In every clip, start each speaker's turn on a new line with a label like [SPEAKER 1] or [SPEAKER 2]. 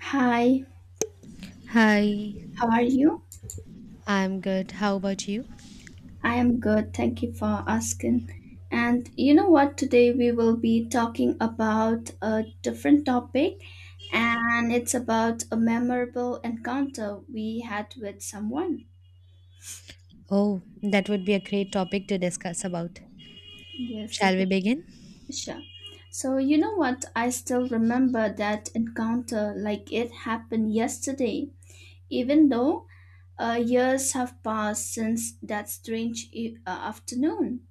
[SPEAKER 1] Hi,
[SPEAKER 2] Hi,
[SPEAKER 1] how are you?
[SPEAKER 2] I'm good. How about you?
[SPEAKER 1] I am good, thank you for asking. And you know what? Today we will be talking about a different topic, and it's about a memorable encounter we had with someone.
[SPEAKER 2] Oh, that would be a great topic to discuss about.
[SPEAKER 1] Yes, a
[SPEAKER 2] Shall we
[SPEAKER 1] good
[SPEAKER 2] begin?
[SPEAKER 1] pleasure. So, you know what? I still remember that encounter like it happened yesterday, even though years have passed since that strange afternoon.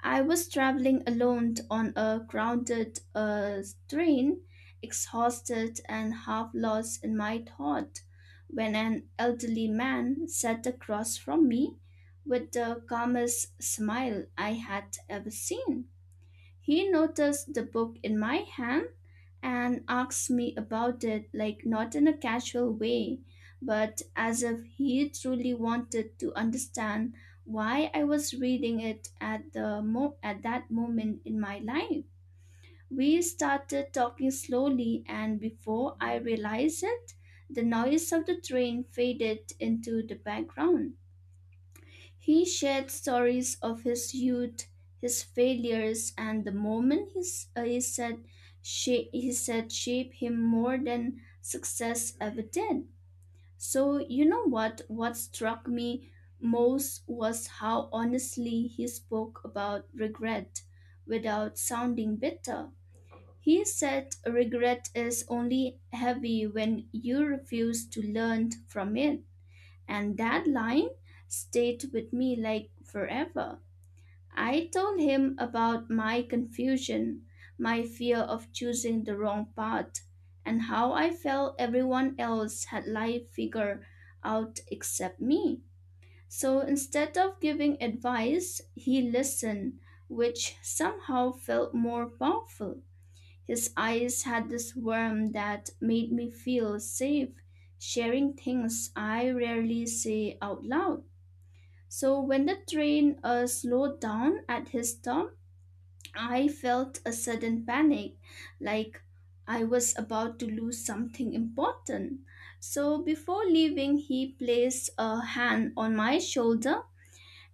[SPEAKER 1] I was traveling alone on a crowded train, exhausted and half lost in my thought, when an elderly man sat across from me with the calmest smile I had ever seen. He noticed the book in my hand and asked me about it, like not in a casual way, but as if he truly wanted to understand why I was reading it at at that moment in my life. We started talking slowly, and before I realized it, the noise of the train faded into the background. He shared stories of his youth, his failures, and the moment he, s- he said shape him more than success ever did. So you know what? What struck me most was how honestly he spoke about regret without sounding bitter. He said regret is only heavy when you refuse to learn from it, and that line stayed with me like forever. I told him about my confusion, my fear of choosing the wrong path, and how I felt everyone else had life figured out except me. So instead of giving advice, he listened, which somehow felt more powerful. His eyes had this warmth that made me feel safe, sharing things I rarely say out loud. So when the train slowed down at his stop, I felt a sudden panic, like I was about to lose something important. So before leaving, he placed a hand on my shoulder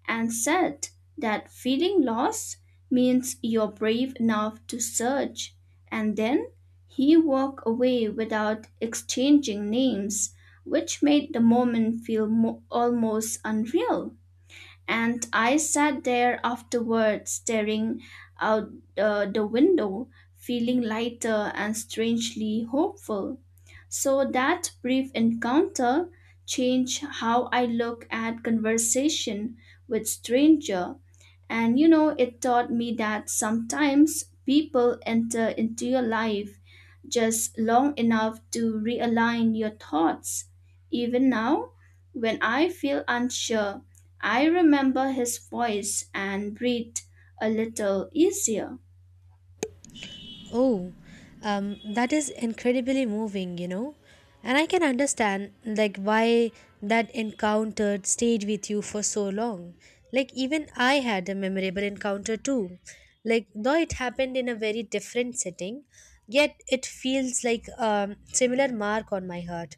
[SPEAKER 1] and said that feeling lost means you're brave enough to search. And then he walked away without exchanging names, which made the moment feel almost unreal, and I sat there afterward staring out the window, feeling lighter and strangely hopeful. So that brief encounter changed how I look at conversation with stranger, and you know, it taught me that sometimes people enter into your life just long enough to realign your thoughts. Even now, when I feel unsure, I remember his voice and breathe a little easier.
[SPEAKER 2] Oh, that is incredibly moving, you know. And I can understand like why that encounter stayed with you for so long. Like even I had a memorable encounter too. Like though it happened in a very different setting, yet it feels like a similar mark on my heart.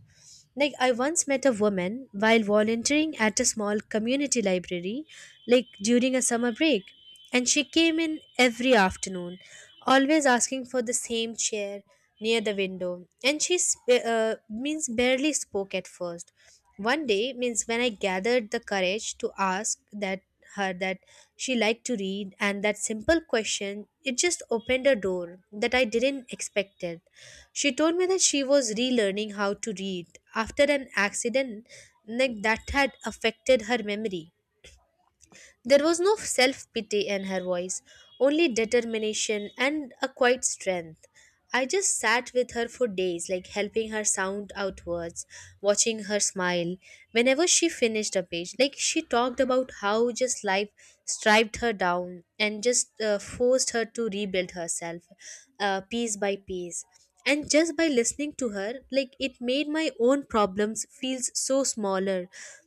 [SPEAKER 2] Like, I once met a woman while volunteering at a small community library, like during a summer break, and she came in every afternoon, always asking for the same chair near the window. And means barely spoke at first. One day means when I gathered the courage to ask that her that she liked to read, and that simple question, it just opened a door that I didn't expected. She told me that she was relearning how to read after an accident like that had affected her memory. There was no self pity in her voice, only determination and a quiet strength. I just sat with her for days, like helping her sound out words, watching her smile. Whenever she finished a page, like she talked about how just life striped her down and just forced her to rebuild herself piece by piece. And just by listening to her, like it made my own problems feels so smaller.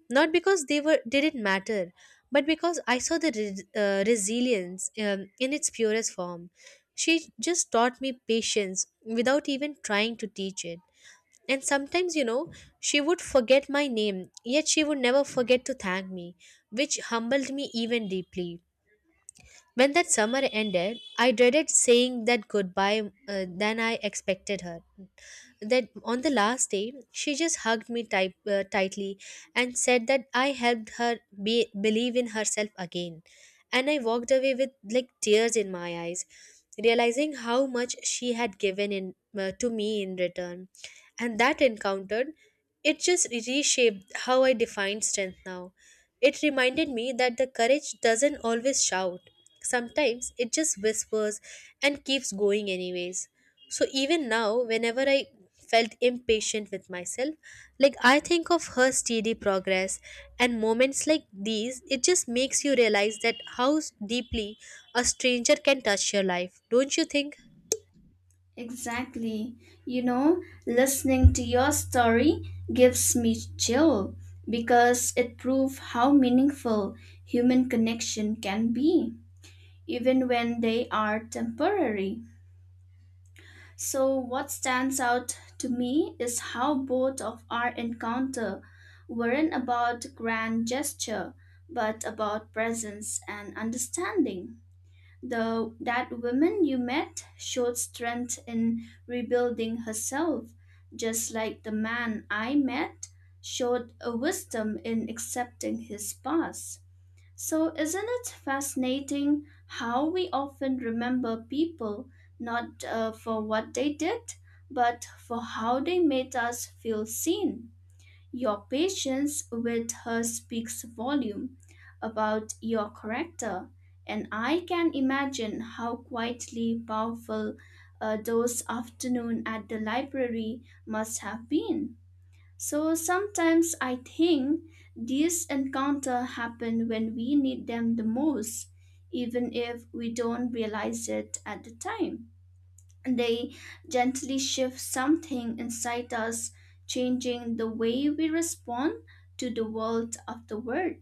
[SPEAKER 2] Not because they were didn't matter, but because I saw the resilience in its purest form. She just taught me patience without even trying to teach it. And sometimes, you know, she would forget my name, yet she would never forget to thank me, which humbled me even deeply. When that summer ended, I dreaded saying that goodbye than I expected her. That on the last day, she just hugged me tightly and said that I helped believe in herself again. And I walked away with like tears in my eyes, realizing how much she had given in to me in return. And that encounter, it just reshaped how I define strength now. It reminded me that the courage doesn't always shout. Sometimes it just whispers and keeps going, anyways. So even now, whenever I felt impatient with myself, like I think of her steady progress, and moments like these, it just makes you realize that how deeply a stranger can touch your life, don't you think?
[SPEAKER 1] Exactly. You know, listening to your story gives me chill because it proves how meaningful human connection can be, even when they are temporary. So, what stands out to me is how both of our encounter weren't about grand gesture, but about presence and understanding. The that woman you met showed strength in rebuilding herself, just like the man I met showed a wisdom in accepting his past. So, isn't it fascinating how we often remember people not for what they did, but for how they made us feel seen? Your patience with her speaks volume about your character, and I can imagine how quietly powerful those afternoon at the library must have been. So sometimes I think these encounters happen when we need them the most, even if we don't realize it at the time. They gently shift something inside us, changing the way we respond to the world of the word.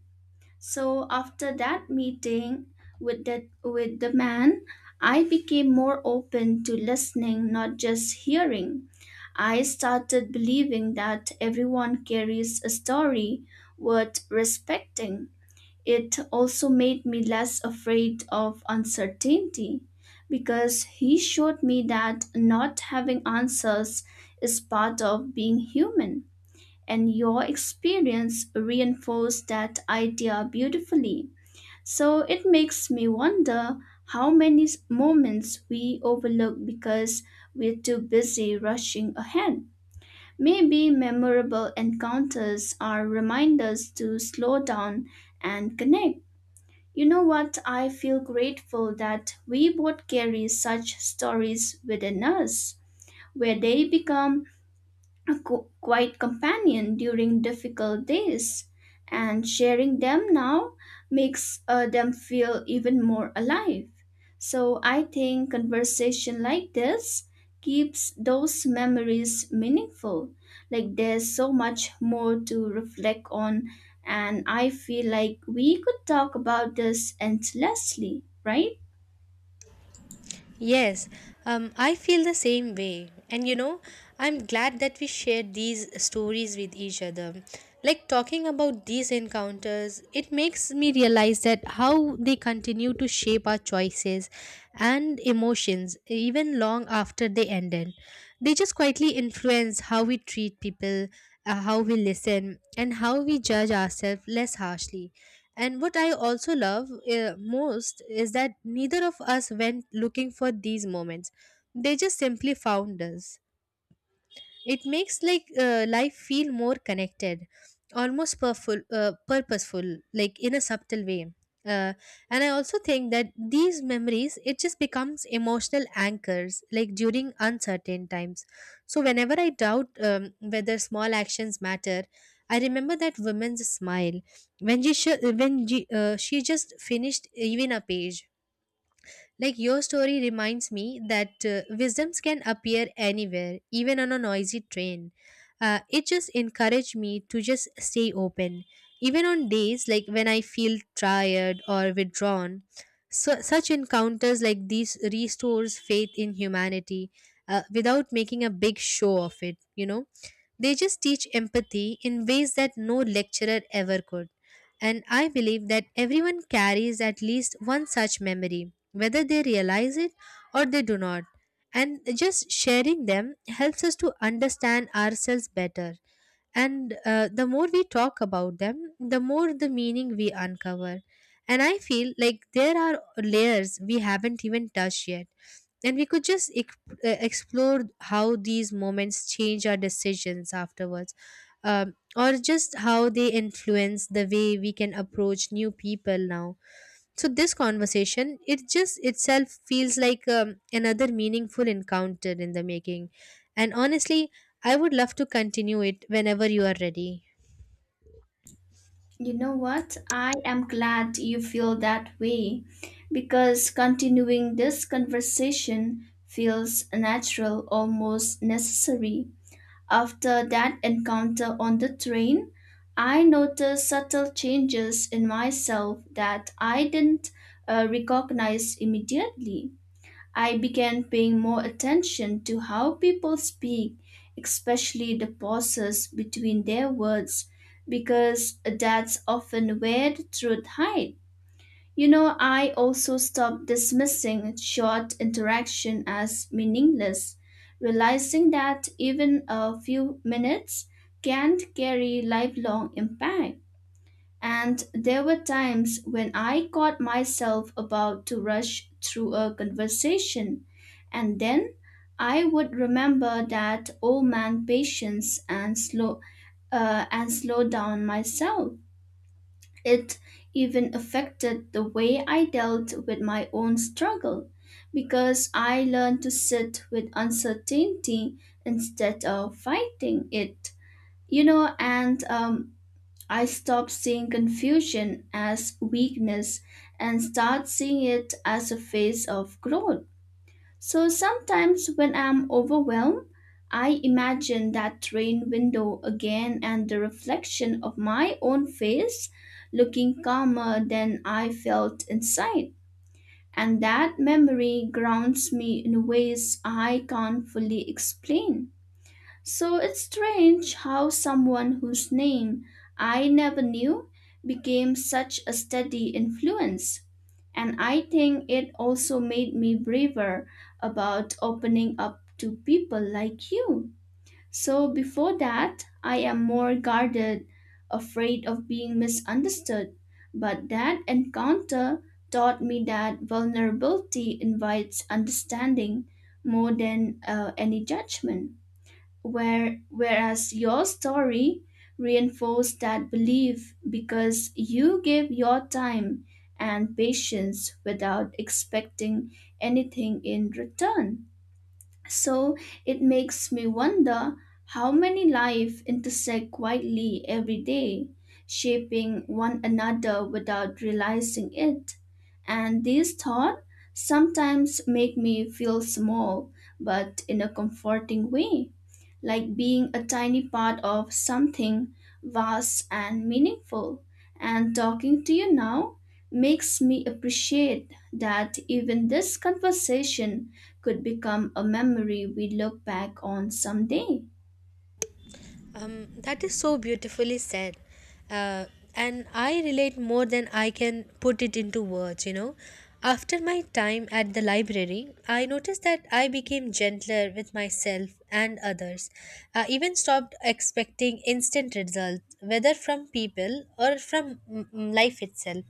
[SPEAKER 1] So after that meeting with the man, I became more open to listening, not just hearing. I started believing that everyone carries a story worth respecting. It also made me less afraid of uncertainty because he showed me that not having answers is part of being human. And your experience reinforced that idea beautifully. So it makes me wonder how many moments we overlook because we're too busy rushing ahead. Maybe memorable encounters are reminders to slow down and connect. You know what? I feel grateful that we both carry such stories within us, where they become a quiet companion during difficult days, and sharing them now makes them feel even more alive. So I think conversation like this keeps those memories meaningful. Like there's so much more to reflect on, and I feel like we could talk about this endlessly, right?
[SPEAKER 2] Yes, I feel the same way. And you know, I'm glad that we shared these stories with each other. Like talking about these encounters, it makes me realize that how they continue to shape our choices and emotions even long after they ended. They just quietly influence how we treat people, how we listen, and how we judge ourselves less harshly. And what I also love most is that neither of us went looking for these moments. They just simply found us. It makes like life feel more connected, almost purposeful, like in a subtle way. uh, and I also think that these memories, it just becomes emotional anchors like during uncertain times. So whenever I doubt, whether small actions matter, I remember that woman's smile when she sh- when she just finished even a page. Like your story reminds me that wisdoms can appear anywhere, even on a noisy train. It just encouraged me to just stay open, even on days like when I feel tired or withdrawn. So, such encounters like these restores faith in humanity without making a big show of it, you know. They just teach empathy in ways that no lecturer ever could. And I believe that everyone carries at least one such memory, whether they realize it or they do not. And just sharing them helps us to understand ourselves better. And the more we talk about them, the more the meaning we uncover. And I feel like there are layers we haven't even touched yet. And we could just explore how these moments change our decisions afterwards, or just how they influence the way we can approach new people now. So this conversation, it just itself feels like another meaningful encounter in the making. And honestly, I would love to continue it whenever you are ready.
[SPEAKER 1] You know what? I am glad you feel that way because continuing this conversation feels natural, almost necessary. After that encounter on the train, I noticed subtle changes in myself that I didn't recognize immediately. I began paying more attention to how people speak, especially the pauses between their words, because that's often where the truth hides. You know, I also stopped dismissing short interaction as meaningless, realizing that even a few minutes can carry lifelong impact. And there were times when I caught myself about to rush through a conversation, and then I would remember that old man patience and slow down myself. It even affected the way I dealt with my own struggle because I learned to sit with uncertainty instead of fighting it. You know, and I stopped seeing confusion as weakness and start seeing it as a phase of growth. So sometimes when I'm overwhelmed, I imagine that train window again and the reflection of my own face looking calmer than I felt inside. And that memory grounds me in ways I can't fully explain. So it's strange how someone whose name I never knew became such a steady influence. And I think it also made me braver about opening up to people like you. So before that, I am more guarded, afraid of being misunderstood. But that encounter taught me that vulnerability invites understanding more than any judgment. Whereas your story reinforced that belief because you gave your time and patience without expecting anything in return. So it makes me wonder how many lives intersect quietly every day, shaping one another without realizing it. And these thoughts sometimes make me feel small, but in a comforting way, like being a tiny part of something vast and meaningful. And talking to you now makes me appreciate that even this conversation could become a memory we look back on someday.
[SPEAKER 2] That is so beautifully said. Uh, and I relate more than I can put it into words, you know. After my time at the library, I noticed that I became gentler with myself and others. I even stopped expecting instant results, whether from people or from life itself.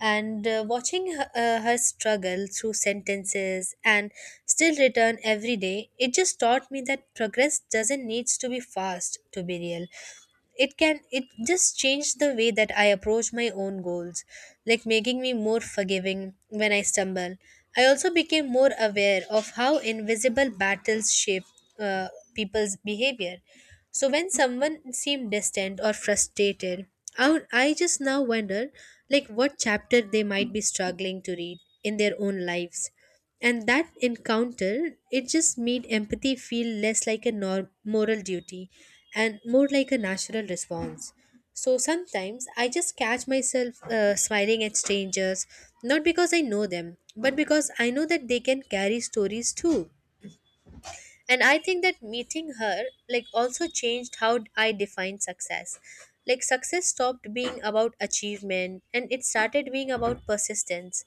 [SPEAKER 2] And watching her struggle through setbacks sentences and still return every day, it just taught me that progress doesn't needs to be fast to be real. It can, it just changed the way that I approach my own goals, like making me more forgiving when I stumble. I also became more aware of how invisible battles shape uh, people's behavior. So when someone seemed distant or frustrated, I just now wonder like what chapter they might be struggling to read in their own lives. And that encounter, it just made empathy feel less like a moral duty and more like a natural response. So sometimes I just catch myself smiling at strangers, not because I know them, but because I know that they can carry stories too. And I think that meeting her like also changed how I define success. Like success stopped being about achievement and it started being about persistence.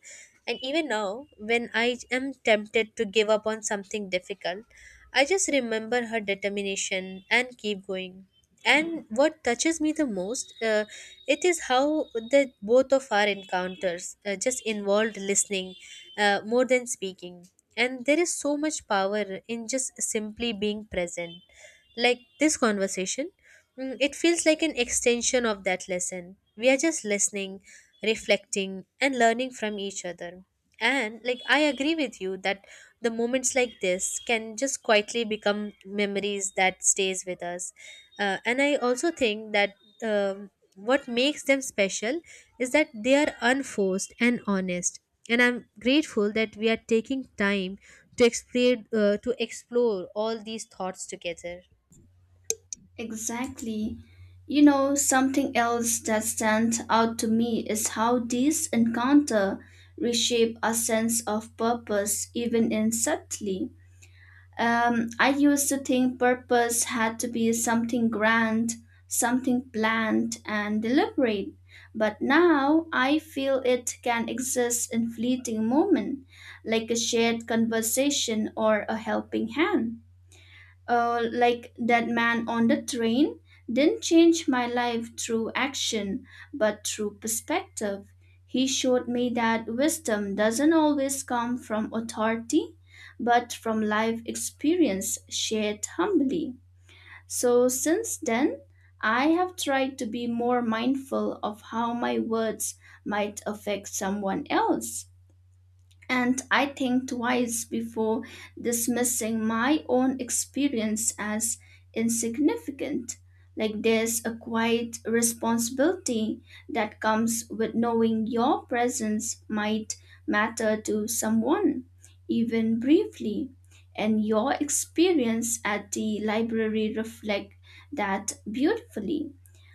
[SPEAKER 2] And even now when I am tempted to give up on something difficult, I just remember her determination and keep going. And what touches me the most, it is how the both of our encounters just involved listening, more than speaking. And there is so much power in just simply being present. Like this conversation, it feels like an extension of that lesson. We are just listening, reflecting and learning from each other. And like I agree with you that the moments like this can just quietly become memories that stays with us. And I also think that, what makes them special is that they are unforced and honest. And I'm grateful that we are taking time to to explore all these thoughts together.
[SPEAKER 1] Exactly. You know, something else that stands out to me is how these encounter reshape our sense of purpose even in subtly. I used to think purpose had to be something grand, something planned and deliberate. But now I feel it can exist in fleeting moment, like a shared conversation or a helping hand like that man on the train, didn't change my life through action, but through perspective. He showed me that wisdom doesn't always come from authority, but from life experience shared humbly. So since then, I have tried to be more mindful of how my words might affect someone else. And I think twice before dismissing my own experience as insignificant. Like there's a quiet responsibility that comes with knowing your presence might matter to someone, even briefly. And your experience at the library reflect that beautifully,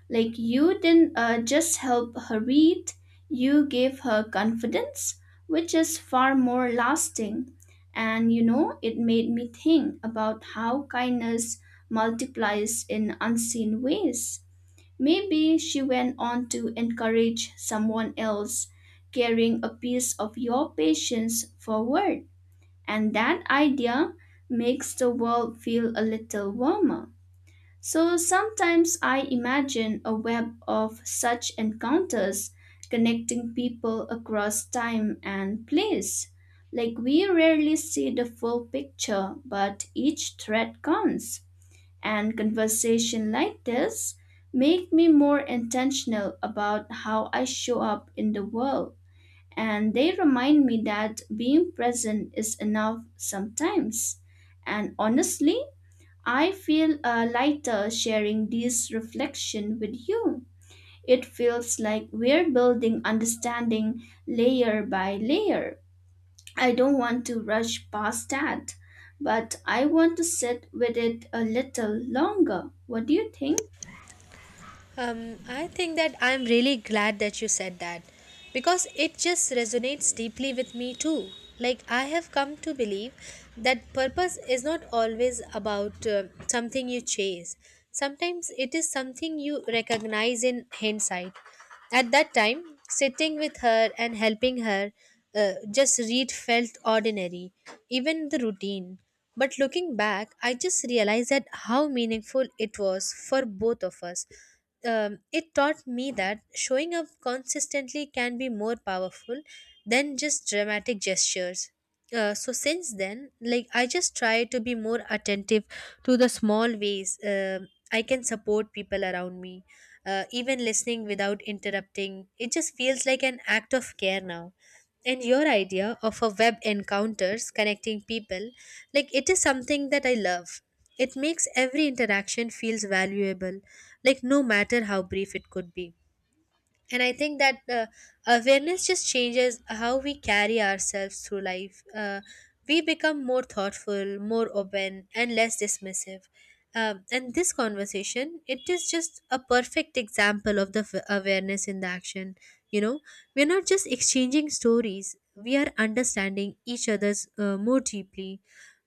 [SPEAKER 1] like you didn't just help her read, you gave her confidence, which is far more lasting. And you know, it made me think about how kindness multiplies in unseen ways. Maybe she went on to encourage someone else, carrying a piece of your patience forward. And that idea makes the world feel a little warmer. So sometimes I imagine a web of such encounters connecting people across time and place. Like we rarely see the full picture, but each thread counts. And conversation like this make me more intentional about how I show up in the world. And they remind me that being present is enough sometimes. And honestly, I feel lighter sharing this reflection with you. It feels like we're building understanding layer by layer. I don't want to rush past that, but I want to sit with it a little longer. What do you think?
[SPEAKER 2] I think that I'm really glad that you said that because it just resonates deeply with me too. Like, I have come to believe that purpose is not always about something you chase. Sometimes it is something you recognize in hindsight. At that time, sitting with her and helping her just read felt ordinary, even the routine. But looking back, I just realized that how meaningful it was for both of us. It taught me that showing up consistently can be more powerful than just dramatic gestures. So since then, like I just try to be more attentive to the small ways, I can support people around me. Even listening without interrupting, it just feels like an act of care now. And your idea of a web encounters connecting people, like it is something that I love. It makes every interaction feels valuable, like no matter how brief it could be. And I think that awareness just changes how we carry ourselves through life. We become more thoughtful, more open and less dismissive. And this conversation, it is just a perfect example of the awareness in the action, you know. We're not just exchanging stories, we are understanding each other's more deeply.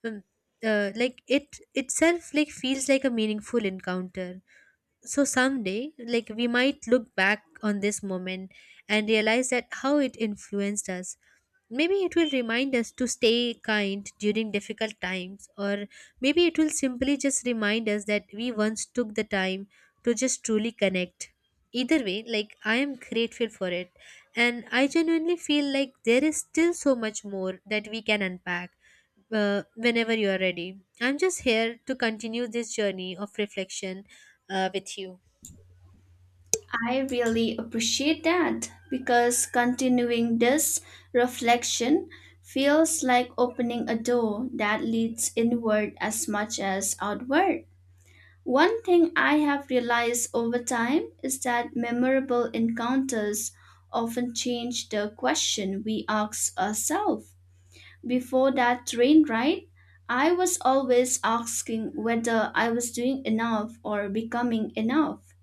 [SPEAKER 2] um, like it itself like feels like a meaningful encounter. So someday, like we might look back on this moment and realize that how it influenced us. Maybe it will remind us to stay kind during difficult times, or maybe it will simply just remind us that we once took the time to just truly connect. Either way, like I am grateful for it, and I genuinely feel like there is still so much more that we can unpack whenever you are ready. I'm just here to continue this journey of reflection with you?
[SPEAKER 1] I really appreciate that because continuing this reflection feels like opening a door that leads inward as much as outward. One thing I have realized over time is that memorable encounters often change the question we ask ourselves. Before that train ride, I was always asking whether I was doing enough or becoming enough.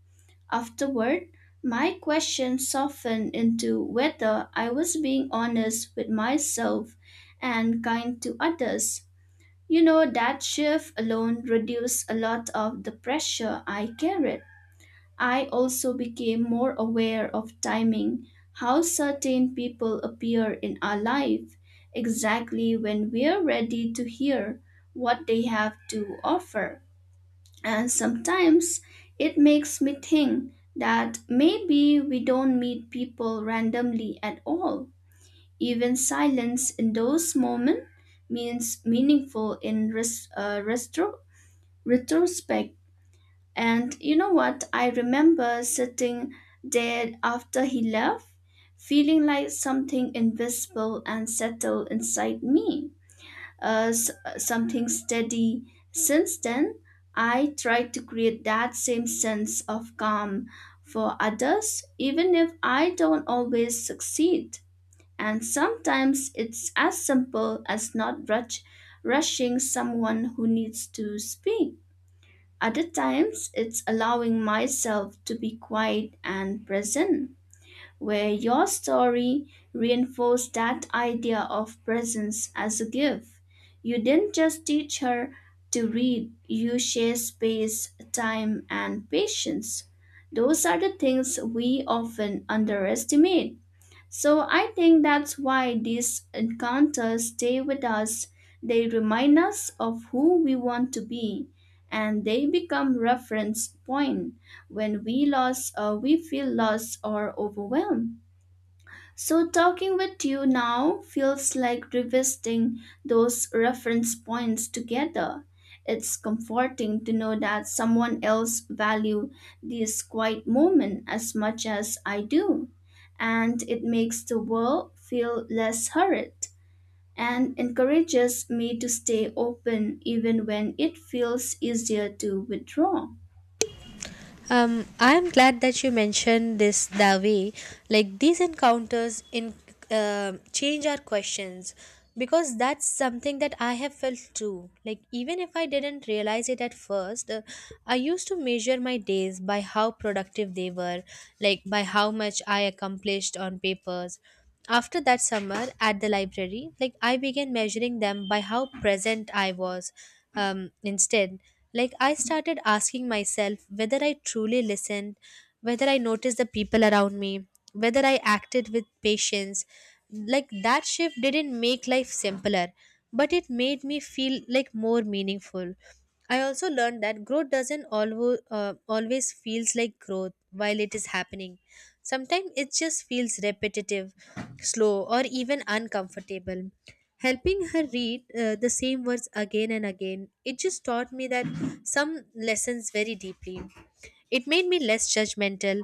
[SPEAKER 1] Afterward, my question softened into whether I was being honest with myself and kind to others. You know, that shift alone reduced a lot of the pressure I carried. I also became more aware of timing, how certain people appear in our life, exactly when we're ready to hear what they have to offer. And sometimes it makes me think that maybe we don't meet people randomly at all, even silence in those moments means meaningful in retrospect. And you know what? I remember sitting there after he left, feeling like something invisible and settled inside me. Uh, s- Something steady. Since then, I try to create that same sense of calm for others, even if I don't always succeed. And sometimes it's as simple as not rush, rushing someone who needs to speak. Other times it's allowing myself to be quiet and present, where your story reinforced that idea of presence as a gift. You didn't just teach her to read, you share space, time, and patience. Those are the things we often underestimate, so I think that's why these encounters stay with us. They remind us of who we want to be and they become reference point when we feel lost or overwhelmed. So, talking with you now feels like revisiting those reference points together. It's comforting to know that someone else value this quiet moment as much as I do, and it makes the world feel less hurried and encourages me to stay open even when it feels easier to withdraw.
[SPEAKER 2] I'm glad that you mentioned this that way. Like these encounters in change our questions because that's something that I have felt too. Like even if I didn't realize it at first, I used to measure my days by how productive they were, like by how much I accomplished on papers. After that summer at the library, like I began measuring them by how present I was. Instead, like I started asking myself whether I truly listened, whether I noticed the people around me, whether I acted with patience. Like that shift didn't make life simpler, but it made me feel like more meaningful. I also learned that growth doesn't always feels like growth while it is happening. Sometimes it just feels repetitive, slow, or even uncomfortable. Helping her read the same words again and again, it just taught me that some lessons very deeply. It made me less judgmental.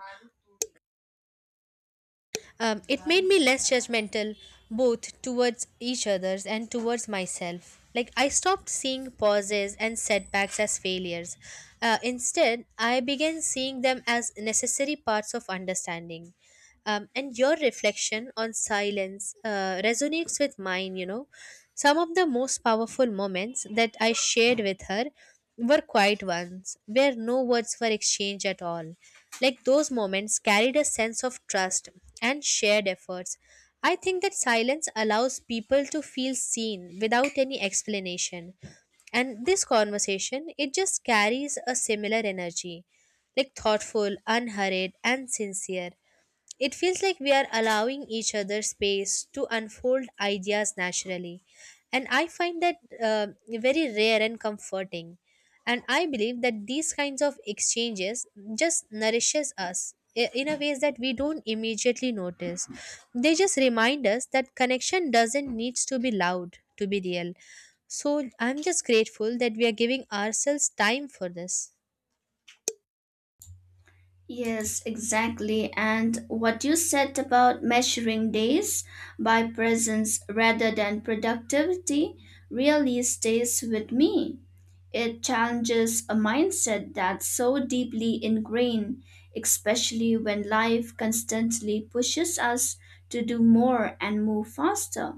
[SPEAKER 2] um, it made me less judgmental Both towards each others and towards myself. Like I stopped seeing pauses and setbacks as failures. Instead, I began seeing them as necessary parts of understanding. And your reflection on silence resonates with mine. Some of the most powerful moments that I shared with her were quiet ones, where no words were exchanged at all. Like those moments carried a sense of trust and shared efforts. I think that silence allows people to feel seen without any explanation. And this conversation, it just carries a similar energy, like thoughtful, unhurried, and sincere. It feels like we are allowing each other space to unfold ideas naturally. And I find that very rare and comforting. And I believe that these kinds of exchanges just nourishes us in a ways that we don't immediately notice. They just remind us that connection doesn't needs to be loud to be real. So I'm just grateful that we are giving ourselves time for this.
[SPEAKER 1] Yes, exactly. And what you said about measuring days by presence rather than productivity really stays with me. It challenges a mindset that's so deeply ingrained, especially when life constantly pushes us to do more and move faster.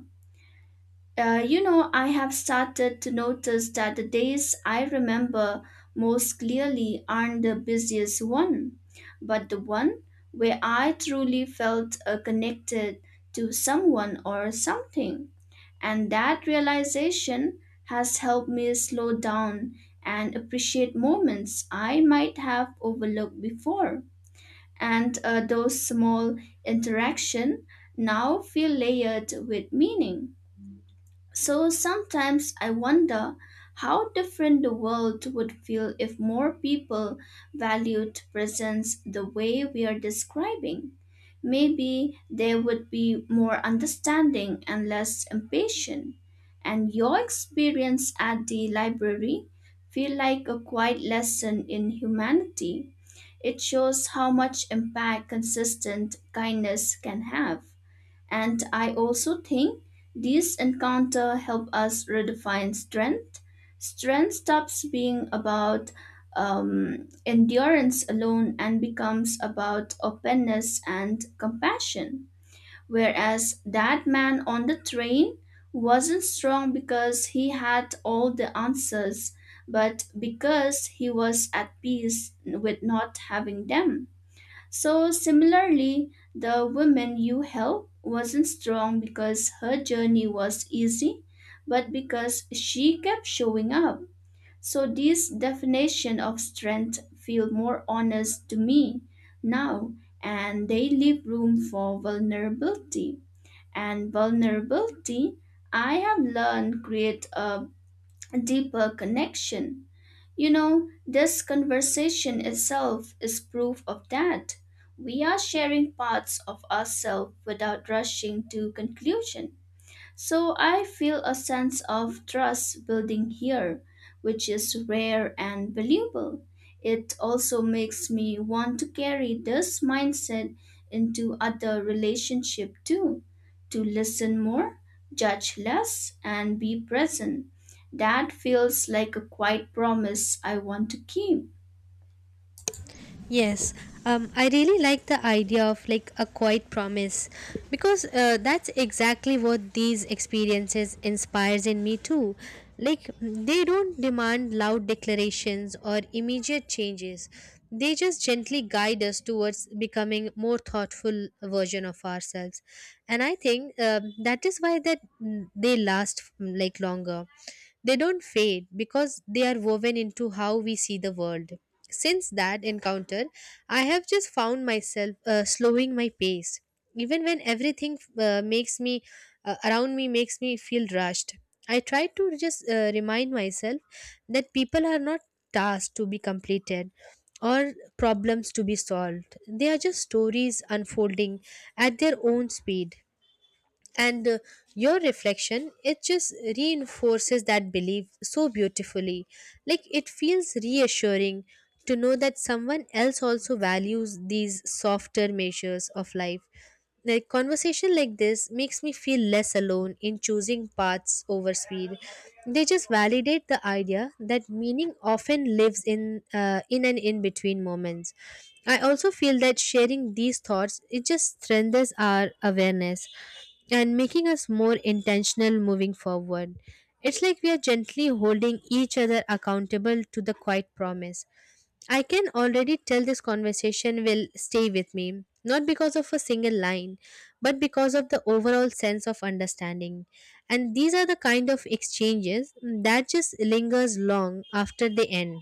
[SPEAKER 1] You know, I have started to notice that the days I remember most clearly aren't the busiest one, but the one where I truly felt connected to someone or something. And that realization has helped me slow down and appreciate moments I might have overlooked before. And those small interactions now feel layered with meaning. So sometimes I wonder how different the world would feel if more people valued presence the way we are describing. Maybe there would be more understanding and less impatience. And your experience at the library feel like a quiet lesson in humanity. It shows how much impact consistent kindness can have. And I also think these encounter help us redefine strength. Strength stops being about endurance alone and becomes about openness and compassion. Whereas that man on the train wasn't strong because he had all the answers, but because he was at peace with not having them. So, similarly, the woman you helped wasn't strong because her journey was easy, but because she kept showing up. So, this definition of strength feel more honest to me now, and they leave room for vulnerability. And vulnerability, I have learned, create a deeper connection. You know, this conversation itself is proof of that. We are sharing parts of ourselves without rushing to conclusion. So I feel a sense of trust building here, which is rare and valuable. It also makes me want to carry this mindset into other relationship too, to listen more, judge less, and be present. That feels like a quiet promise I want to keep.
[SPEAKER 2] Yes, I really like the idea of like a quiet promise because that's exactly what these experiences inspires in me too. Like they don't demand loud declarations or immediate changes. They just gently guide us towards becoming more thoughtful version of ourselves, and I think that is why they last like longer. They don't fade because they are woven into how we see the world. Since that encounter, I have just found myself slowing my pace, even when everything makes me around me makes me feel rushed. I try to just remind myself that people are not tasks to be completed or problems to be solved. They are just stories unfolding at their own speed and your reflection it just reinforces that belief so beautifully, like it feels reassuring to know that someone else also values these softer measures of life, like conversation like this makes me feel less alone in choosing paths over speed. They just validate the idea that meaning often lives in and in between moments. I also feel that sharing these thoughts it just strengthens our awareness and making us more intentional moving forward. It's like we are gently holding each other accountable to the quiet promise. I can already tell this conversation will stay with me, not because of a single line, but because of the overall sense of understanding. And these are the kind of exchanges that just lingers long after they end.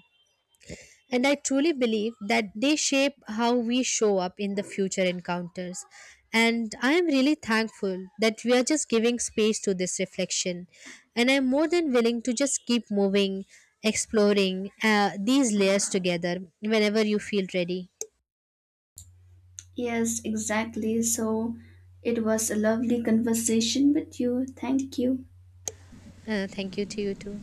[SPEAKER 2] And I truly believe that they shape how we show up in the future encounters. And I am really thankful that we are just giving space to this reflection. And I'm more than willing to just keep moving, exploring these layers together whenever you feel ready.
[SPEAKER 1] Yes, exactly. So it was a lovely conversation with you. Thank you.
[SPEAKER 2] Thank you to you too.